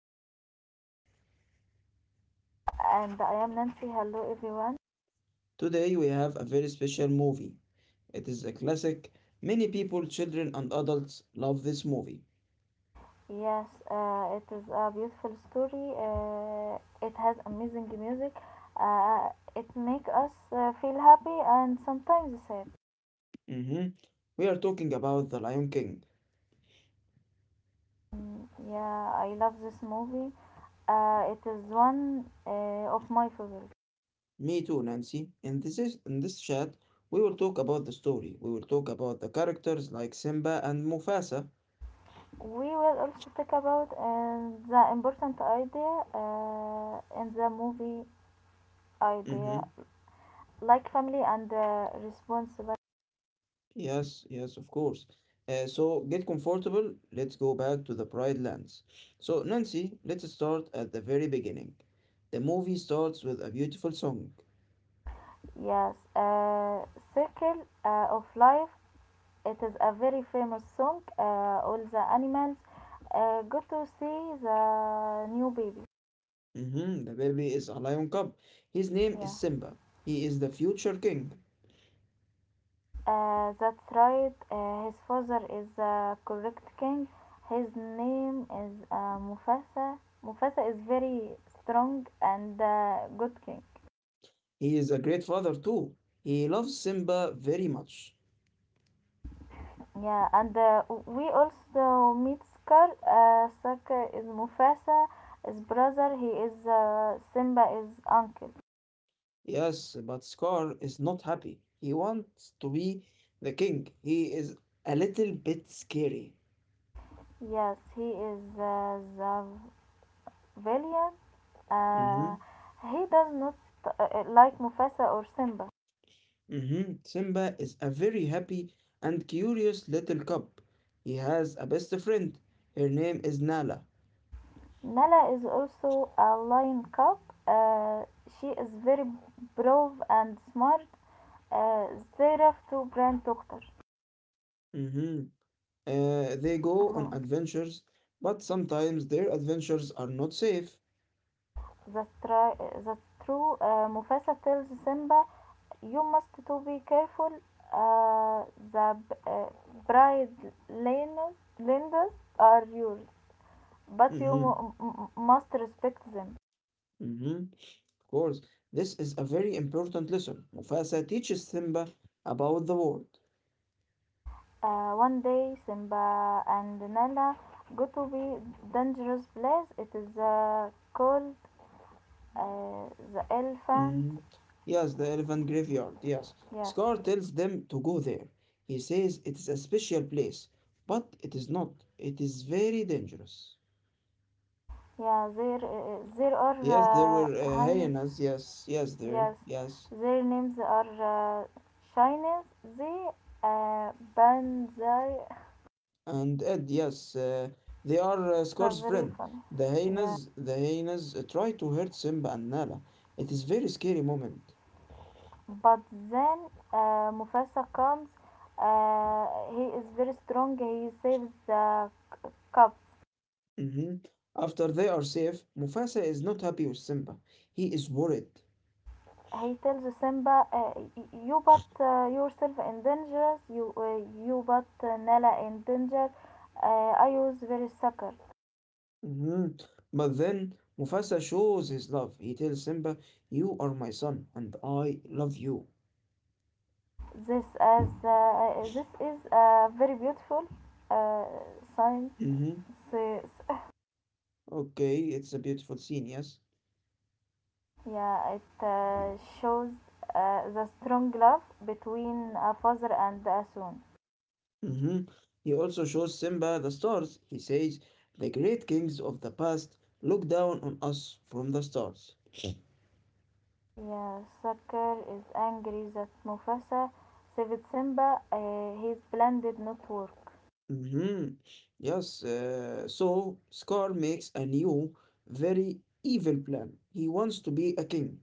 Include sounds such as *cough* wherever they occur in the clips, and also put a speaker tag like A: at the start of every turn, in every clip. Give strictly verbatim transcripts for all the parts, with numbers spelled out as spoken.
A: your host Muhammad.
B: And I am Nancy. Hello, everyone.
A: Today we have a very special movie. It is a classic. Many people, children and adults love this movie.
B: Yes, uh, it is a beautiful story. Uh, it has amazing music. Uh, it make us uh, feel happy and sometimes sad.
A: Mhm. We are talking about The Lion King.
B: Mm, yeah, I love this movie. Uh, it is one uh, of my favorite.
A: Me too, Nancy. In this is, in this chat, we will talk about the story. We will talk about the characters like Simba and Mufasa.
B: We will also talk about uh, the important idea uh, in the movie idea,
A: Mm-hmm.
B: like family and uh, responsibility.
A: Yes, yes, of course. Uh, so get comfortable. Let's go back to the Pride Lands. So, Nancy, let's start at the very beginning. The movie starts with a beautiful song.
B: Yes, uh, Circle uh, of Life. It is a very famous song. Uh, all the animals uh, go to see the new baby.
A: Hmm the baby is a lion cub. His name
B: Yeah,
A: is Simba. He is the future king.
B: uh, that's right. Uh, his father is the correct king. His name is uh, Mufasa. Mufasa is very strong and uh, good king.
A: He is a great father, too. He loves Simba very much.
B: Yeah, and uh, we also meet Scar. Uh, Scar is Mufasa, his brother. He is uh, Simba, his uncle.
A: Yes, but Scar is not happy. He wants to be the king. He is a little bit scary.
B: Yes, he is uh, the villain. Uh,
A: Mhm.
B: he does not uh, like Mufasa or Simba.
A: Mhm, Simba is a very happy and curious little cub. He has a best friend. Her name is Nala.
B: Nala is also a lion cub. Uh, she is very brave and smart. Uh, they have two grand daughters.
A: Mhm. Uh, they go on
B: Uh-huh.
A: adventures, but sometimes their adventures are not safe.
B: That's, tri- that's true. Uh, Mufasa tells Simba, "You must to be careful. Uh, the b- uh, bride lenders, lenders are yours, but you
A: Mhm,
B: m- m- must respect them."
A: mhm, Of course, this is a very important lesson. Mufasa teaches Simba about the world.
B: Uh, one day, Simba and Nala go to be dangerous place. It is uh, called uh, the elephant.
A: Mm. Yes, the elephant graveyard, yes.
B: Yes,
A: Scar tells them to go there. He says it is a special place, but it is not. It is very dangerous.
B: yeah. There, uh, there
A: Yes, there
B: are uh,
A: were uh,
B: highness.
A: hyenas, yes, yes, there,
B: Yes,
A: yes.
B: their names are uh, Chinese. They uh, Banzai
A: And Ed, yes, uh, they are uh,
B: but
A: Scar's
B: very
A: friend.
B: funny.
A: The
B: Yeah,
A: hyenas, the hyenas uh, try to hurt Simba and Nala. It is very scary moment.
B: but then uh, Mufasa comes. Uh, he is very strong. He saves the cup.
A: hmm After they are safe, Mufasa is not happy with Simba. He is worried.
B: He tells Simba, uh, y- "You put uh, yourself in danger. You uh, you put uh, Nala in danger. Uh, I was very sucker."
A: Mhm. But then Mufasa shows his love. He tells Simba, "You are my son, and I love you."
B: This as uh, this is a very beautiful uh, science.
A: Mm-hmm. Okay, it's a beautiful scene, yes?
B: Yeah, it uh, shows uh, the strong love between a father and a son.
A: Mm-hmm. He also shows Simba the stars. He says, "The great kings of the past look down on us from the stars."
B: Yeah, Sakaar is angry that Mufasa saved Simba uh, his blended work.
A: Mm-hmm. Yes, uh, so Scar makes a new, very evil plan. He wants to be a king,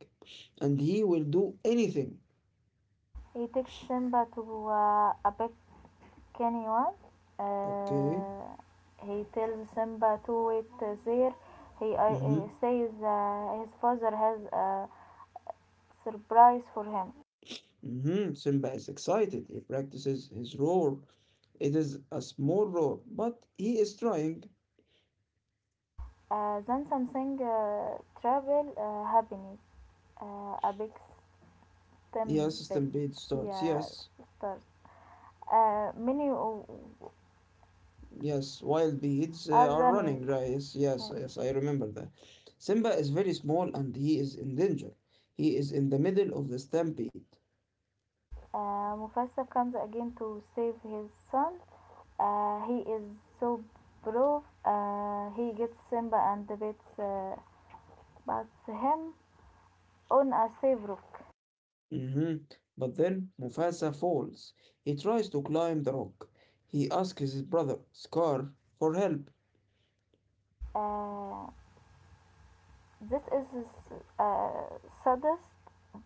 A: and he will do anything.
B: He takes Simba to uh, a big canyon.
A: Okay.
B: Uh, he tells Simba to wait uh, there. He uh,
A: Mm-hmm.
B: uh, says uh, his father has a surprise for him.
A: Mhm, Simba is excited. He practices his roar. It is a small roar, but he is trying.
B: Uh, then something uh, terrible uh, happens. آه، A big
A: Yes,
B: stem bed,
A: Stampede starts.
B: yeah,
A: Yes,
B: stars uh, many
A: yes, wild beads uh,
B: are
A: are
B: running.
A: running, right? Yes, yes, yes, I remember that. Simba is very small and he is in danger. He is in the middle of the stampede.
B: uh, Mufasa comes again to save his son. Uh, he is so brave. Uh, he gets Simba and beats uh, bats him on a safe rock.
A: hmm But then Mufasa falls. He tries to climb the rock. He asks his brother, Scar, for help.
B: uh, this is the uh, saddest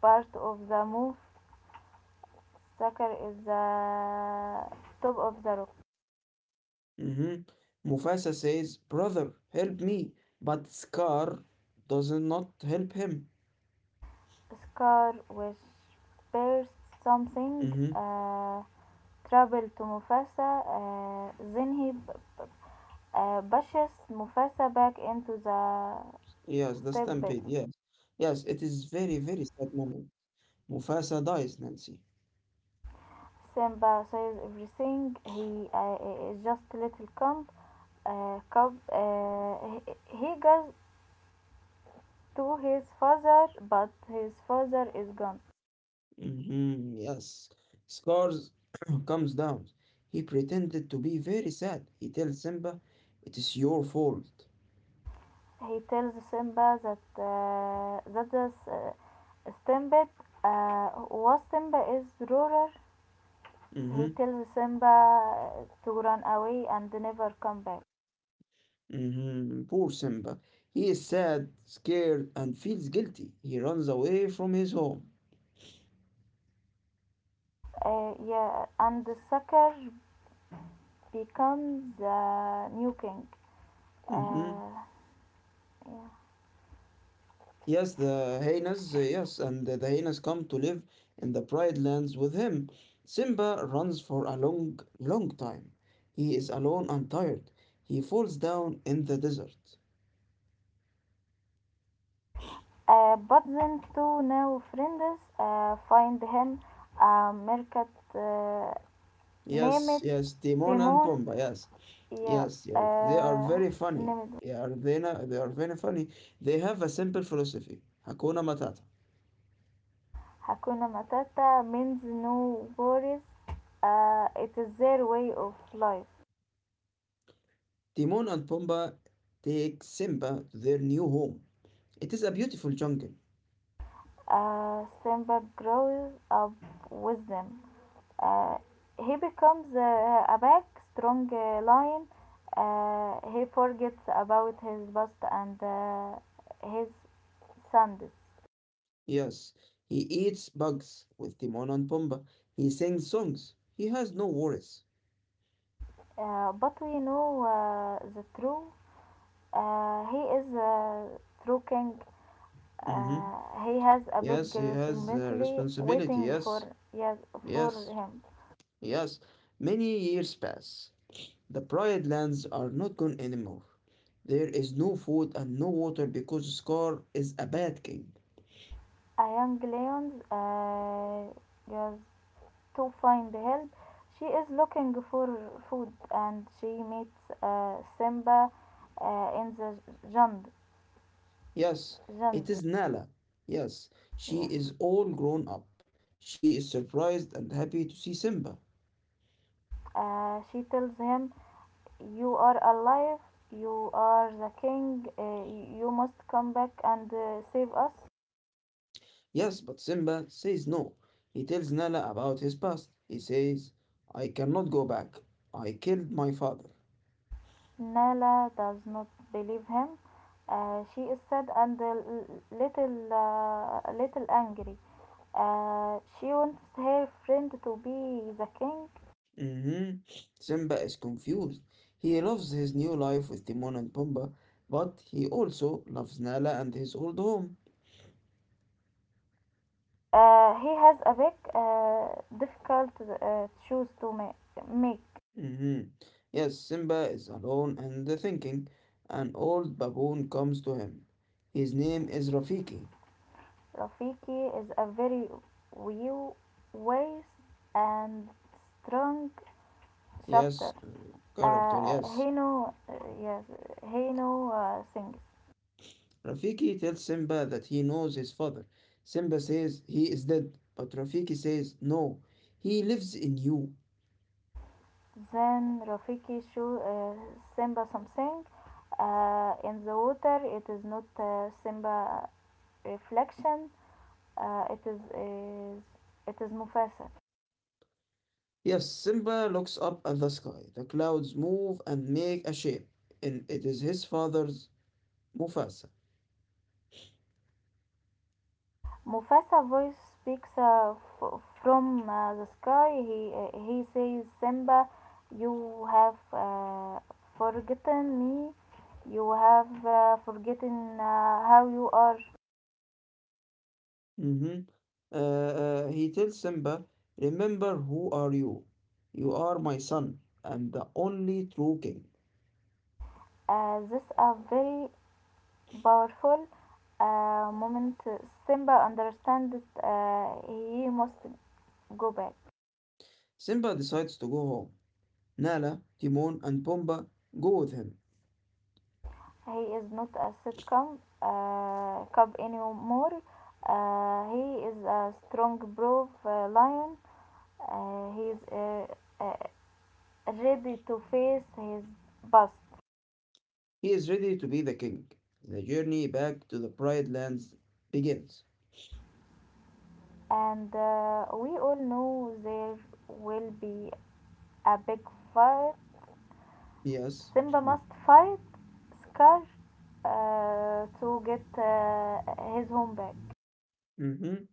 B: part of the move. Zakar is the top of the rock.
A: hmm Mufasa says, "Brother, help me." But Scar does not help him.
B: Scar, which bears something,
A: hmm
B: uh, travel to Mufasa. Uh, then he uh, pushes Mufasa back into the
A: Yes, the
B: stepbed.
A: stampede, yes. Yes, it is very, very sad moment. Mufasa dies, Nancy.
B: Simba says everything. He uh, is just a little cub. Uh, cub. Uh, he- goes to his father, but his father is gone.
A: hmm Yes. Scar *coughs* *clears throat* comes down. He pretended to be very sad. He tells Simba, "It is your fault."
B: He tells Simba that uh, that the s- uh, Simba, uh, was Simba is ruler. He
A: hmm
B: tells Simba to run away and never come back.
A: hmm Poor Simba. He is sad, scared, and feels guilty. He runs away from his home.
B: Uh, yeah, and the sucker becomes the new king.
A: hmm
B: Uh, yeah.
A: Yes, the hyenas, uh, yes, and the hyenas come to live in the Pride Lands with him. Simba runs for a long, long time. He is alone and tired. He falls down in the desert.
B: Uh, but then two new friends uh, find him a market uh,
A: Yes,
B: named
A: yes, Timon and
B: Timon.
A: Pumbaa, yes,
B: Yeah,
A: yes, yes. They are
B: uh,
A: very funny.
B: named.
A: Yeah, they, na- they are very funny. They have a simple philosophy, Hakuna Matata.
B: Hakuna Matata means no worries. Uh, it is their way of life.
A: Timon and Pumbaa take Simba to their new home. It is a beautiful jungle.
B: Uh, Simba grows up with them. Uh, he becomes uh, a big, strong uh, lion. Uh, he forgets about his past and uh, his sins.
A: Yes, he eats bugs with Timon and Pumbaa. He sings songs. He has no worries.
B: Uh, but we know uh, the truth. Uh, he is a true king.
A: Mm-hmm.
B: Uh, he has a big
A: Yes, he has a
B: responsibility
A: responsibility.
B: waiting for,
A: Yes,
B: yes, for
A: yes,
B: him.
A: yes. Many years pass. The pride lands are not gone anymore. There is no food and no water because Scar is a bad king.
B: A young lion uh, goes to find help. She is looking for food and she meets uh, Simba uh, in the
A: Yes, it
B: jungle.
A: is Nala. Yes, she is
B: Yes.
A: all grown up. She is surprised and happy to see Simba.
B: Uh, she tells him, "You are alive, you are the king, uh, you must come back and uh, save us."
A: Yes, but Simba says no. He tells Nala about his past. He says, "I cannot go back. I killed my father."
B: Nala does not believe him. Uh, she is sad and a l- little, uh, little angry. Uh, she wants her friend to be the king.
A: Mhm. Simba is confused. He loves his new life with Timon and Pumbaa, but he also loves Nala and his old home.
B: Uh, he has a big, uh, difficult uh, choose to ma- make.
A: Mhm. Yes, Simba is alone and thinking. An old baboon comes to him. His name is Rafiki.
B: Rafiki is a very wise and strong
A: Yes,
B: shooter.
A: uh, character,
B: Uh,
A: yes.
B: he know, uh, yes, he know uh, things.
A: Rafiki tells Simba that he knows his father. Simba says he is dead, but Rafiki says, "No, he lives in you."
B: Then Rafiki show uh, Simba something. Uh, in the water, it is not uh, Simba reflection. Uh, it is, is it is Mufasa.
A: Yes, Simba looks up at the sky. The clouds move and make a shape, and it is his father's Mufasa.
B: Mufasa voice speaks uh, f- from uh, the sky. He uh, he says, "Simba, you have uh, forgotten me. You have uh, forgotten uh, how you are."
A: Mhm. Uh, uh, he tells Simba, "Remember who are you? You are my son and the only true king."
B: Uh, this a very powerful uh, moment. Simba understands uh, he must go back.
A: Simba decides to go home. Nala, Timon, and Pumbaa go with him.
B: He is not a sitcom uh, cub anymore. Uh, he is a strong, brave uh, lion. Uh, he's uh, uh, ready to face his past,
A: He is ready to be the king. The journey back to the Pride Lands begins.
B: and uh, we all know there will be a big fight.
A: Yes.
B: Simba must fight Scar uh, to get uh, his home back.
A: Mhm.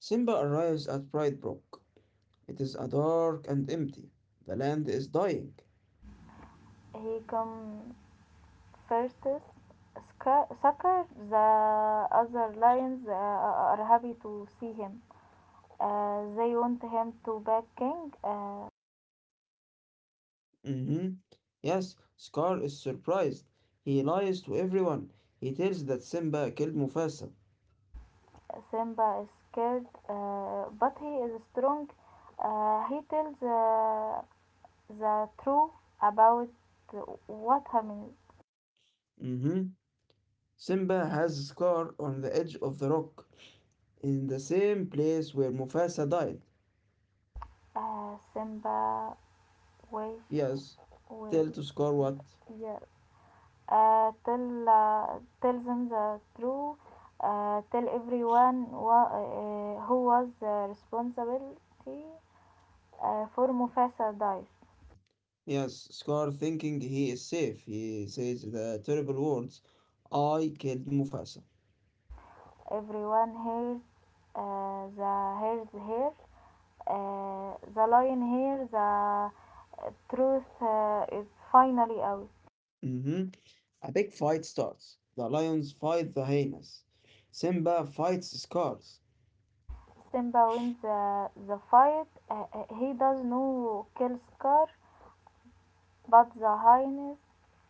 A: Simba arrives at Pride Rock. It is a dark and empty. The land is dying.
B: He come first. Scar, Scar, the other lions uh, are happy to see him. Uh, they want him to back king. Uh,
A: Mhm. Yes, Scar is surprised. He lies to everyone. He tells that Simba killed Mufasa.
B: Simba is scared, uh, but he is strong. Uh, he tells uh, the truth about what happened.
A: Mhm. Simba has Scar on the edge of the rock, in the same place where Mufasa died.
B: Uh, Simba wait
A: Yes.
B: with,
A: Tell to Scar what?
B: yeah. Uh, tell uh, tell them the truth. Uh, tell everyone wha- uh, who was uh, responsibility uh, for Mufasa dies.
A: Yes, Scar thinking he is safe. He says the terrible words, "I killed Mufasa."
B: Everyone hears uh, the hears here uh, the lion here the uh, truth uh, is finally out.
A: hmm A big fight starts. The lions fight the hyenas. Simba fights Scar.
B: Simba wins the, the fight, uh, uh, he does no kill Scar, but the hyenas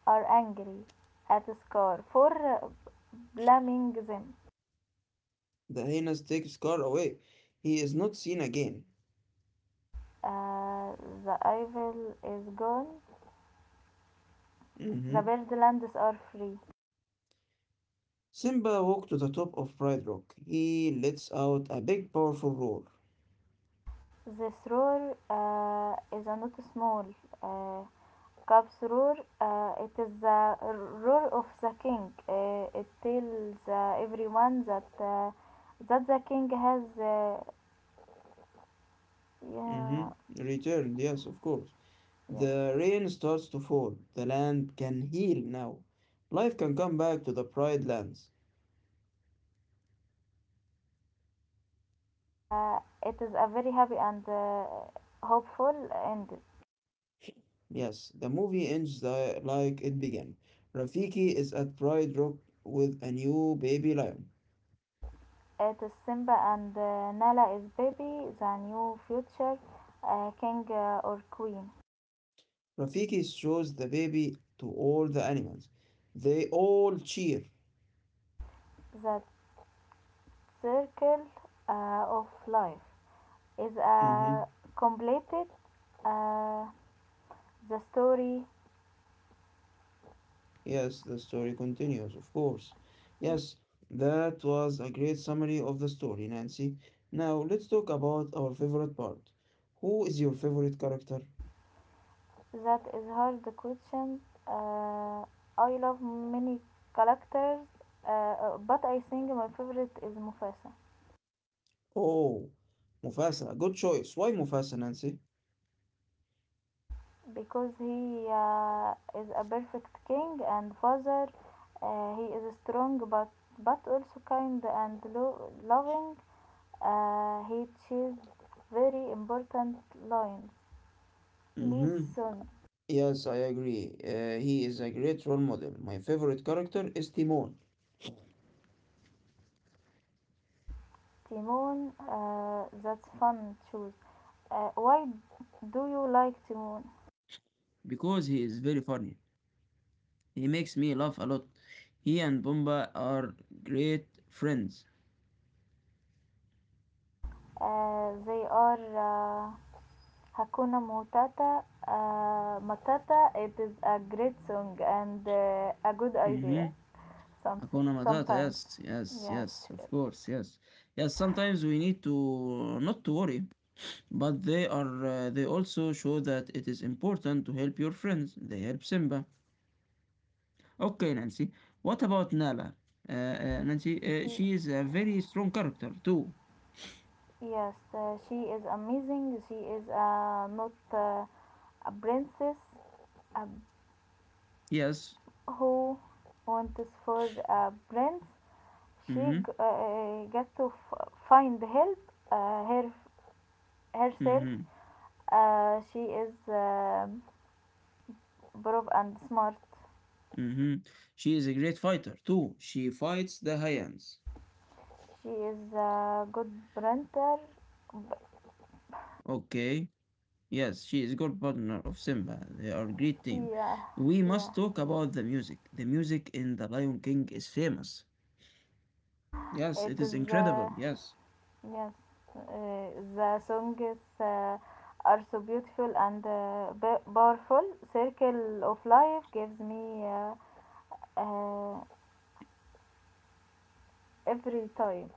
B: are angry at Scar for uh, blaming them.
A: The hyenas take Scar away. He is not seen again.
B: uh, the evil is gone. The
A: hmm
B: bird lands are free.
A: Simba walks to the top of Pride Rock. He lets out a big, powerful roar.
B: This roar uh, is not small. uh, Kapsurur, uh, it is the rule of the king. Uh, it tells uh, everyone that uh, that the king has, uh,
A: hmm
B: yeah,
A: Returned, yes, of course.
B: yes.
A: The rain starts to fall. The land can heal now. Life can come back to the Pride Lands.
B: Uh, it is a very happy and uh, hopeful end.
A: Yes, the movie ends the, like it began. Rafiki is at Pride Rock with a new baby lion.
B: It is Simba and uh, Nala is baby, the new future uh, king uh, or queen.
A: Rafiki shows the baby to all the animals. They all cheer.
B: The circle uh, of life is uh,
A: hmm
B: completed. Uh, the story.
A: Yes, the story continues, of course. Yes, that was a great summary of the story, Nancy. Now let's talk about our favorite part. Who is your favorite character?
B: That is hard question. Uh, I love many characters, uh, uh, but I think my favorite is Mufasa,
A: Oh, Mufasa. Good choice. Why Mufasa, Nancy?
B: because he uh, is a perfect king and father. Uh, he is strong, but but also kind and lo- loving. Uh, he chose very important lines. Lee's
A: Mm-hmm.
B: son.
A: Yes, I agree. Uh, he is a great role model. My favorite character is Timon
B: Timon. Uh, that's fun choose. Uh, why do you like Timon?
A: because he is very funny. He makes me laugh a lot. He and Bumba are great friends.
B: Uh, they are uh, Hakuna Matata. Uh, Matata. It is a great song and uh, a good
A: Mm-hmm.
B: idea. Some
A: Hakuna Matata,
B: Sometimes.
A: yes, yes,
B: Yes.
A: yes, of
B: Yes.
A: course, yes. Yes, sometimes we need to not to worry, but they are uh, they also show that it is important to help your friends. They help Simba. Okay, Nancy. What about Nala? Uh, uh, Nancy, uh,
B: She.
A: she is a very strong character too.
B: Yes. Uh, she is amazing. She is uh, not uh, a princess uh,
A: Yes.
B: who wants for a prince. She
A: Mm-hmm.
B: g- uh, got to f- find help uh, her herself.
A: Mm-hmm.
B: Uh, she is um brave and smart.
A: Mm-hmm. She is a great fighter too. She fights the Hyans.
B: She is a good printer.
A: Okay. Yes, she is good partner of Simba. They are a great team.
B: Yeah,
A: We
B: yeah.
A: must talk about the music. The music in The Lion King is famous. Yes,
B: It
A: it is
B: is
A: incredible.
B: uh,
A: Yes.
B: yes. Uh, the songs uh, are so beautiful and uh, ba- powerful. Circle of Life gives me uh, uh, every time.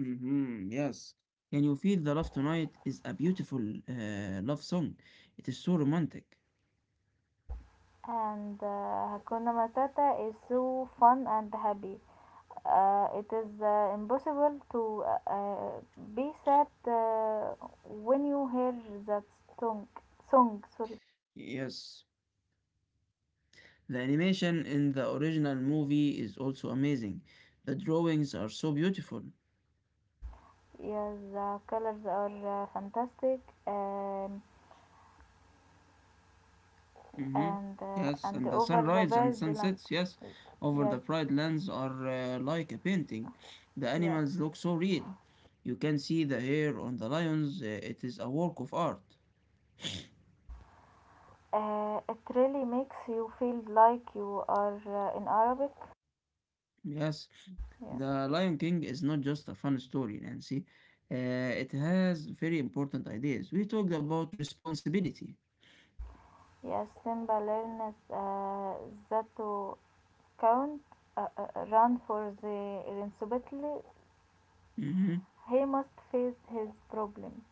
A: Mm-hmm. Yes. Can you feel the love tonight is a beautiful uh, love song. It is so romantic.
B: And uh, Hakuna Matata is so fun and happy. Uh, it is uh, impossible to uh, uh, be sad uh, when you hear that song. Song, sorry.
A: Yes. The animation in the original movie is also amazing. The drawings are so beautiful.
B: Yeah, the colors are uh, fantastic, um,
A: hmm
B: and uh,
A: Yes,
B: and
A: and the
B: over the
A: sunrise and
B: bird land.
A: sunsets, yes, over the
B: Yes,
A: bright lands are uh, like a painting. The
B: yes.
A: animals look so real. You can see the hair on the lions, uh, it is a work of art.
B: Uh, it really makes you feel like you are uh, in Arabic.
A: Yes,
B: Yes,
A: The Lion King is not just a fun story, Nancy. Uh, it has very important ideas. We talked about responsibility.
B: yes. Simba learns uh, that to count, uh, uh, run for the responsibility,
A: Mhm.
B: he must face his problem.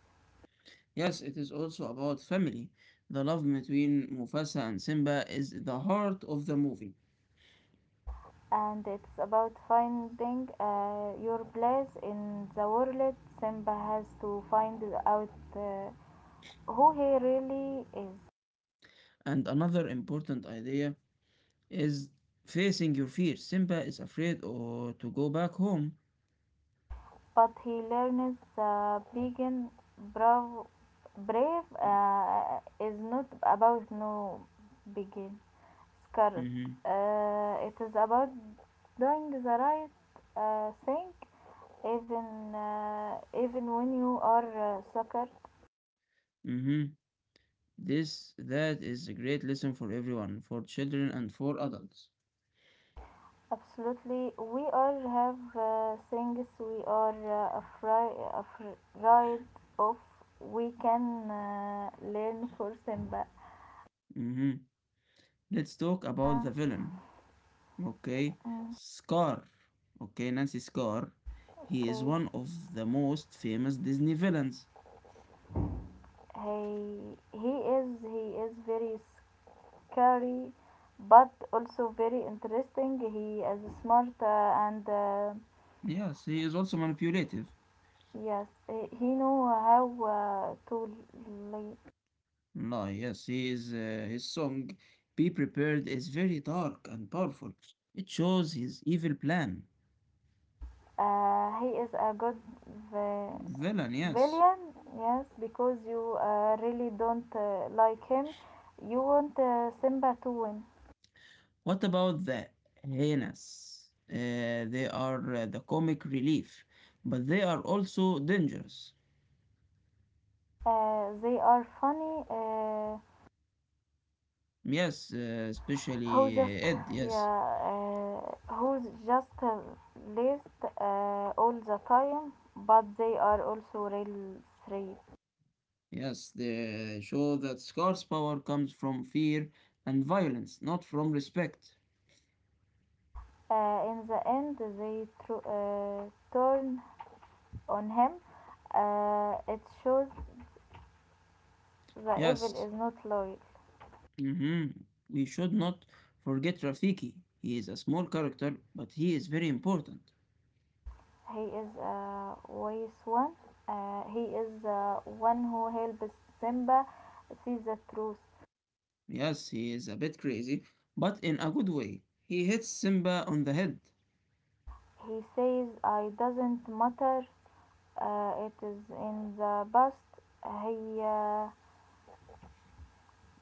A: Yes, it is also about family. The love between Mufasa and Simba is the heart of the movie.
B: And it's about finding uh, your place in the world. Simba has to find out uh, who he really is,
A: And another important idea is facing your fears. Simba is afraid or to go back home.
B: but he learns the being brave, brave uh, is not about no begin scared.
A: Mhm.
B: Uh, it is about doing the right uh, thing even uh, even when you are uh, sucker.
A: Mhm. This that is a great lesson for everyone, for children and for adults.
B: Absolutely, we all have uh, things we are uh, afraid, afraid of. We can uh, learn for Simba.
A: Mhm. Let's talk about
B: Yeah,
A: the villain. Okay?
B: mm,
A: Scar. Okay, Nancy Scar. He is
B: okay.
A: one of the most famous Disney villains.
B: He he is he is very scary, but also very interesting. He is smart uh, and uh,
A: Yes, he is also manipulative.
B: yes, he, he know how uh, to. li-
A: No, yes, he is, uh, his song, Be Prepared, is very dark and powerful. It shows his evil plan.
B: Uh, he is a good. uh,
A: Villain, yes.
B: Villain, yes, because you uh, really don't uh, like him. You want uh, Simba to win.
A: What about the hyenas? Uh, they are uh, the comic relief, but they are also dangerous.
B: Uh, they are funny. Uh,
A: Yes, uh,
B: who
A: especially uh,
B: just,
A: Ed, yes.
B: yeah, uh, who's just uh, list uh, all the time, but they are also real three.
A: Yes, they show that Scar's power comes from fear and violence, not from respect.
B: Uh, in the end, they tru- uh, turn on him. Uh, it shows the evil
A: Yes,
B: is not loyal.
A: Mhm. We should not forget Rafiki. He is a small character, but he is very important.
B: He is a wise one. Uh, he is the one who helps Simba see the truth.
A: Yes, he is a bit crazy, but in a good way. He hits Simba on the head.
B: He says, "I doesn't matter. Uh, it is in the past." He uh,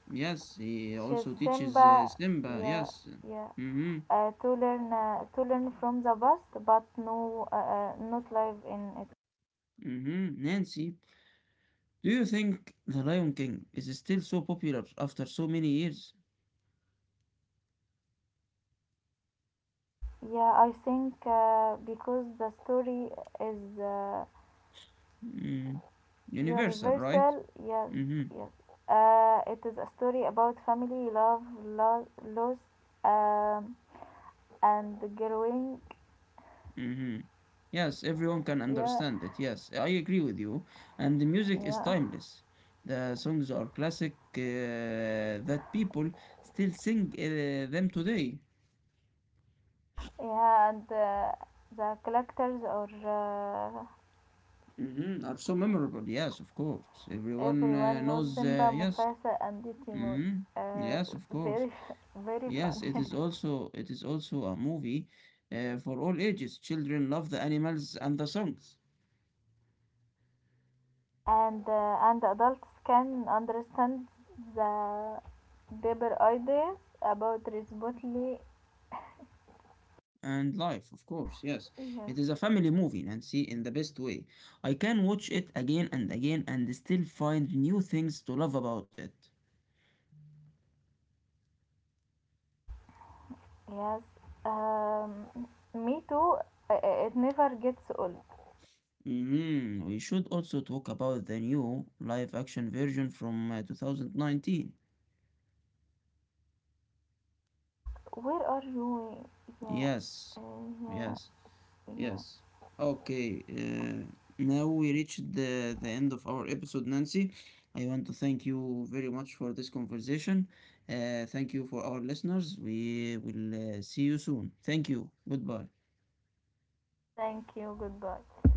A: Yes, he
B: teaches
A: also teaches uh,
B: Simba,
A: Simba.
B: yeah,
A: Yes.
B: yeah,
A: Mm-hmm.
B: uh, to learn uh, to learn from the past, but no, uh, uh, not live in it.
A: Mm-hmm. Nancy, do you think The Lion King is still so popular after so many years?
B: Yeah, I think uh, because the story is. Uh,
A: Mm. Universal, right?
B: Universal, yes,
A: Mm-hmm.
B: yes. Uh, it is a story about family, love, lo- loss, um, and growing.
A: hmm Yes, everyone can
B: Yeah,
A: understand it. Yes, I agree with you. And the music is
B: yeah,
A: timeless. The songs are classic uh, that people still sing uh, them today.
B: yeah. And uh, the collectors or uh,
A: hmm Are so memorable. Yes, of course. Everyone uh,
B: everyone knows
A: knows. Uh,
B: Simba,
A: yes.
B: Mufasa, and Timon.
A: hmm
B: Uh,
A: Yes, of course.
B: Very, *laughs* very
A: Yes, it
B: funny.
A: is also it is also a movie uh, for all ages. Children love the animals and the songs.
B: *laughs* and uh, and adults can understand the deeper ideas about responsibility.
A: And life, of course, yes. It is
B: Yes.
A: a family movie, Nancy, in the best way. I can watch it again and again and still find new things to love about it.
B: Yes, um, me too. Uh, uh, It never gets old.
A: Mhm, we should also talk about the new live action version from uh, two thousand nineteen.
B: Where are you? Yeah,
A: Yes,
B: uh, yeah,
A: yes.
B: yeah.
A: Yes. Okay. Uh, now we reached the, the end of our episode, Nancy. I want to thank you very much for this conversation. Uh, thank you for our listeners. We will uh, see you soon. Thank you. Goodbye.
B: Thank you. Goodbye.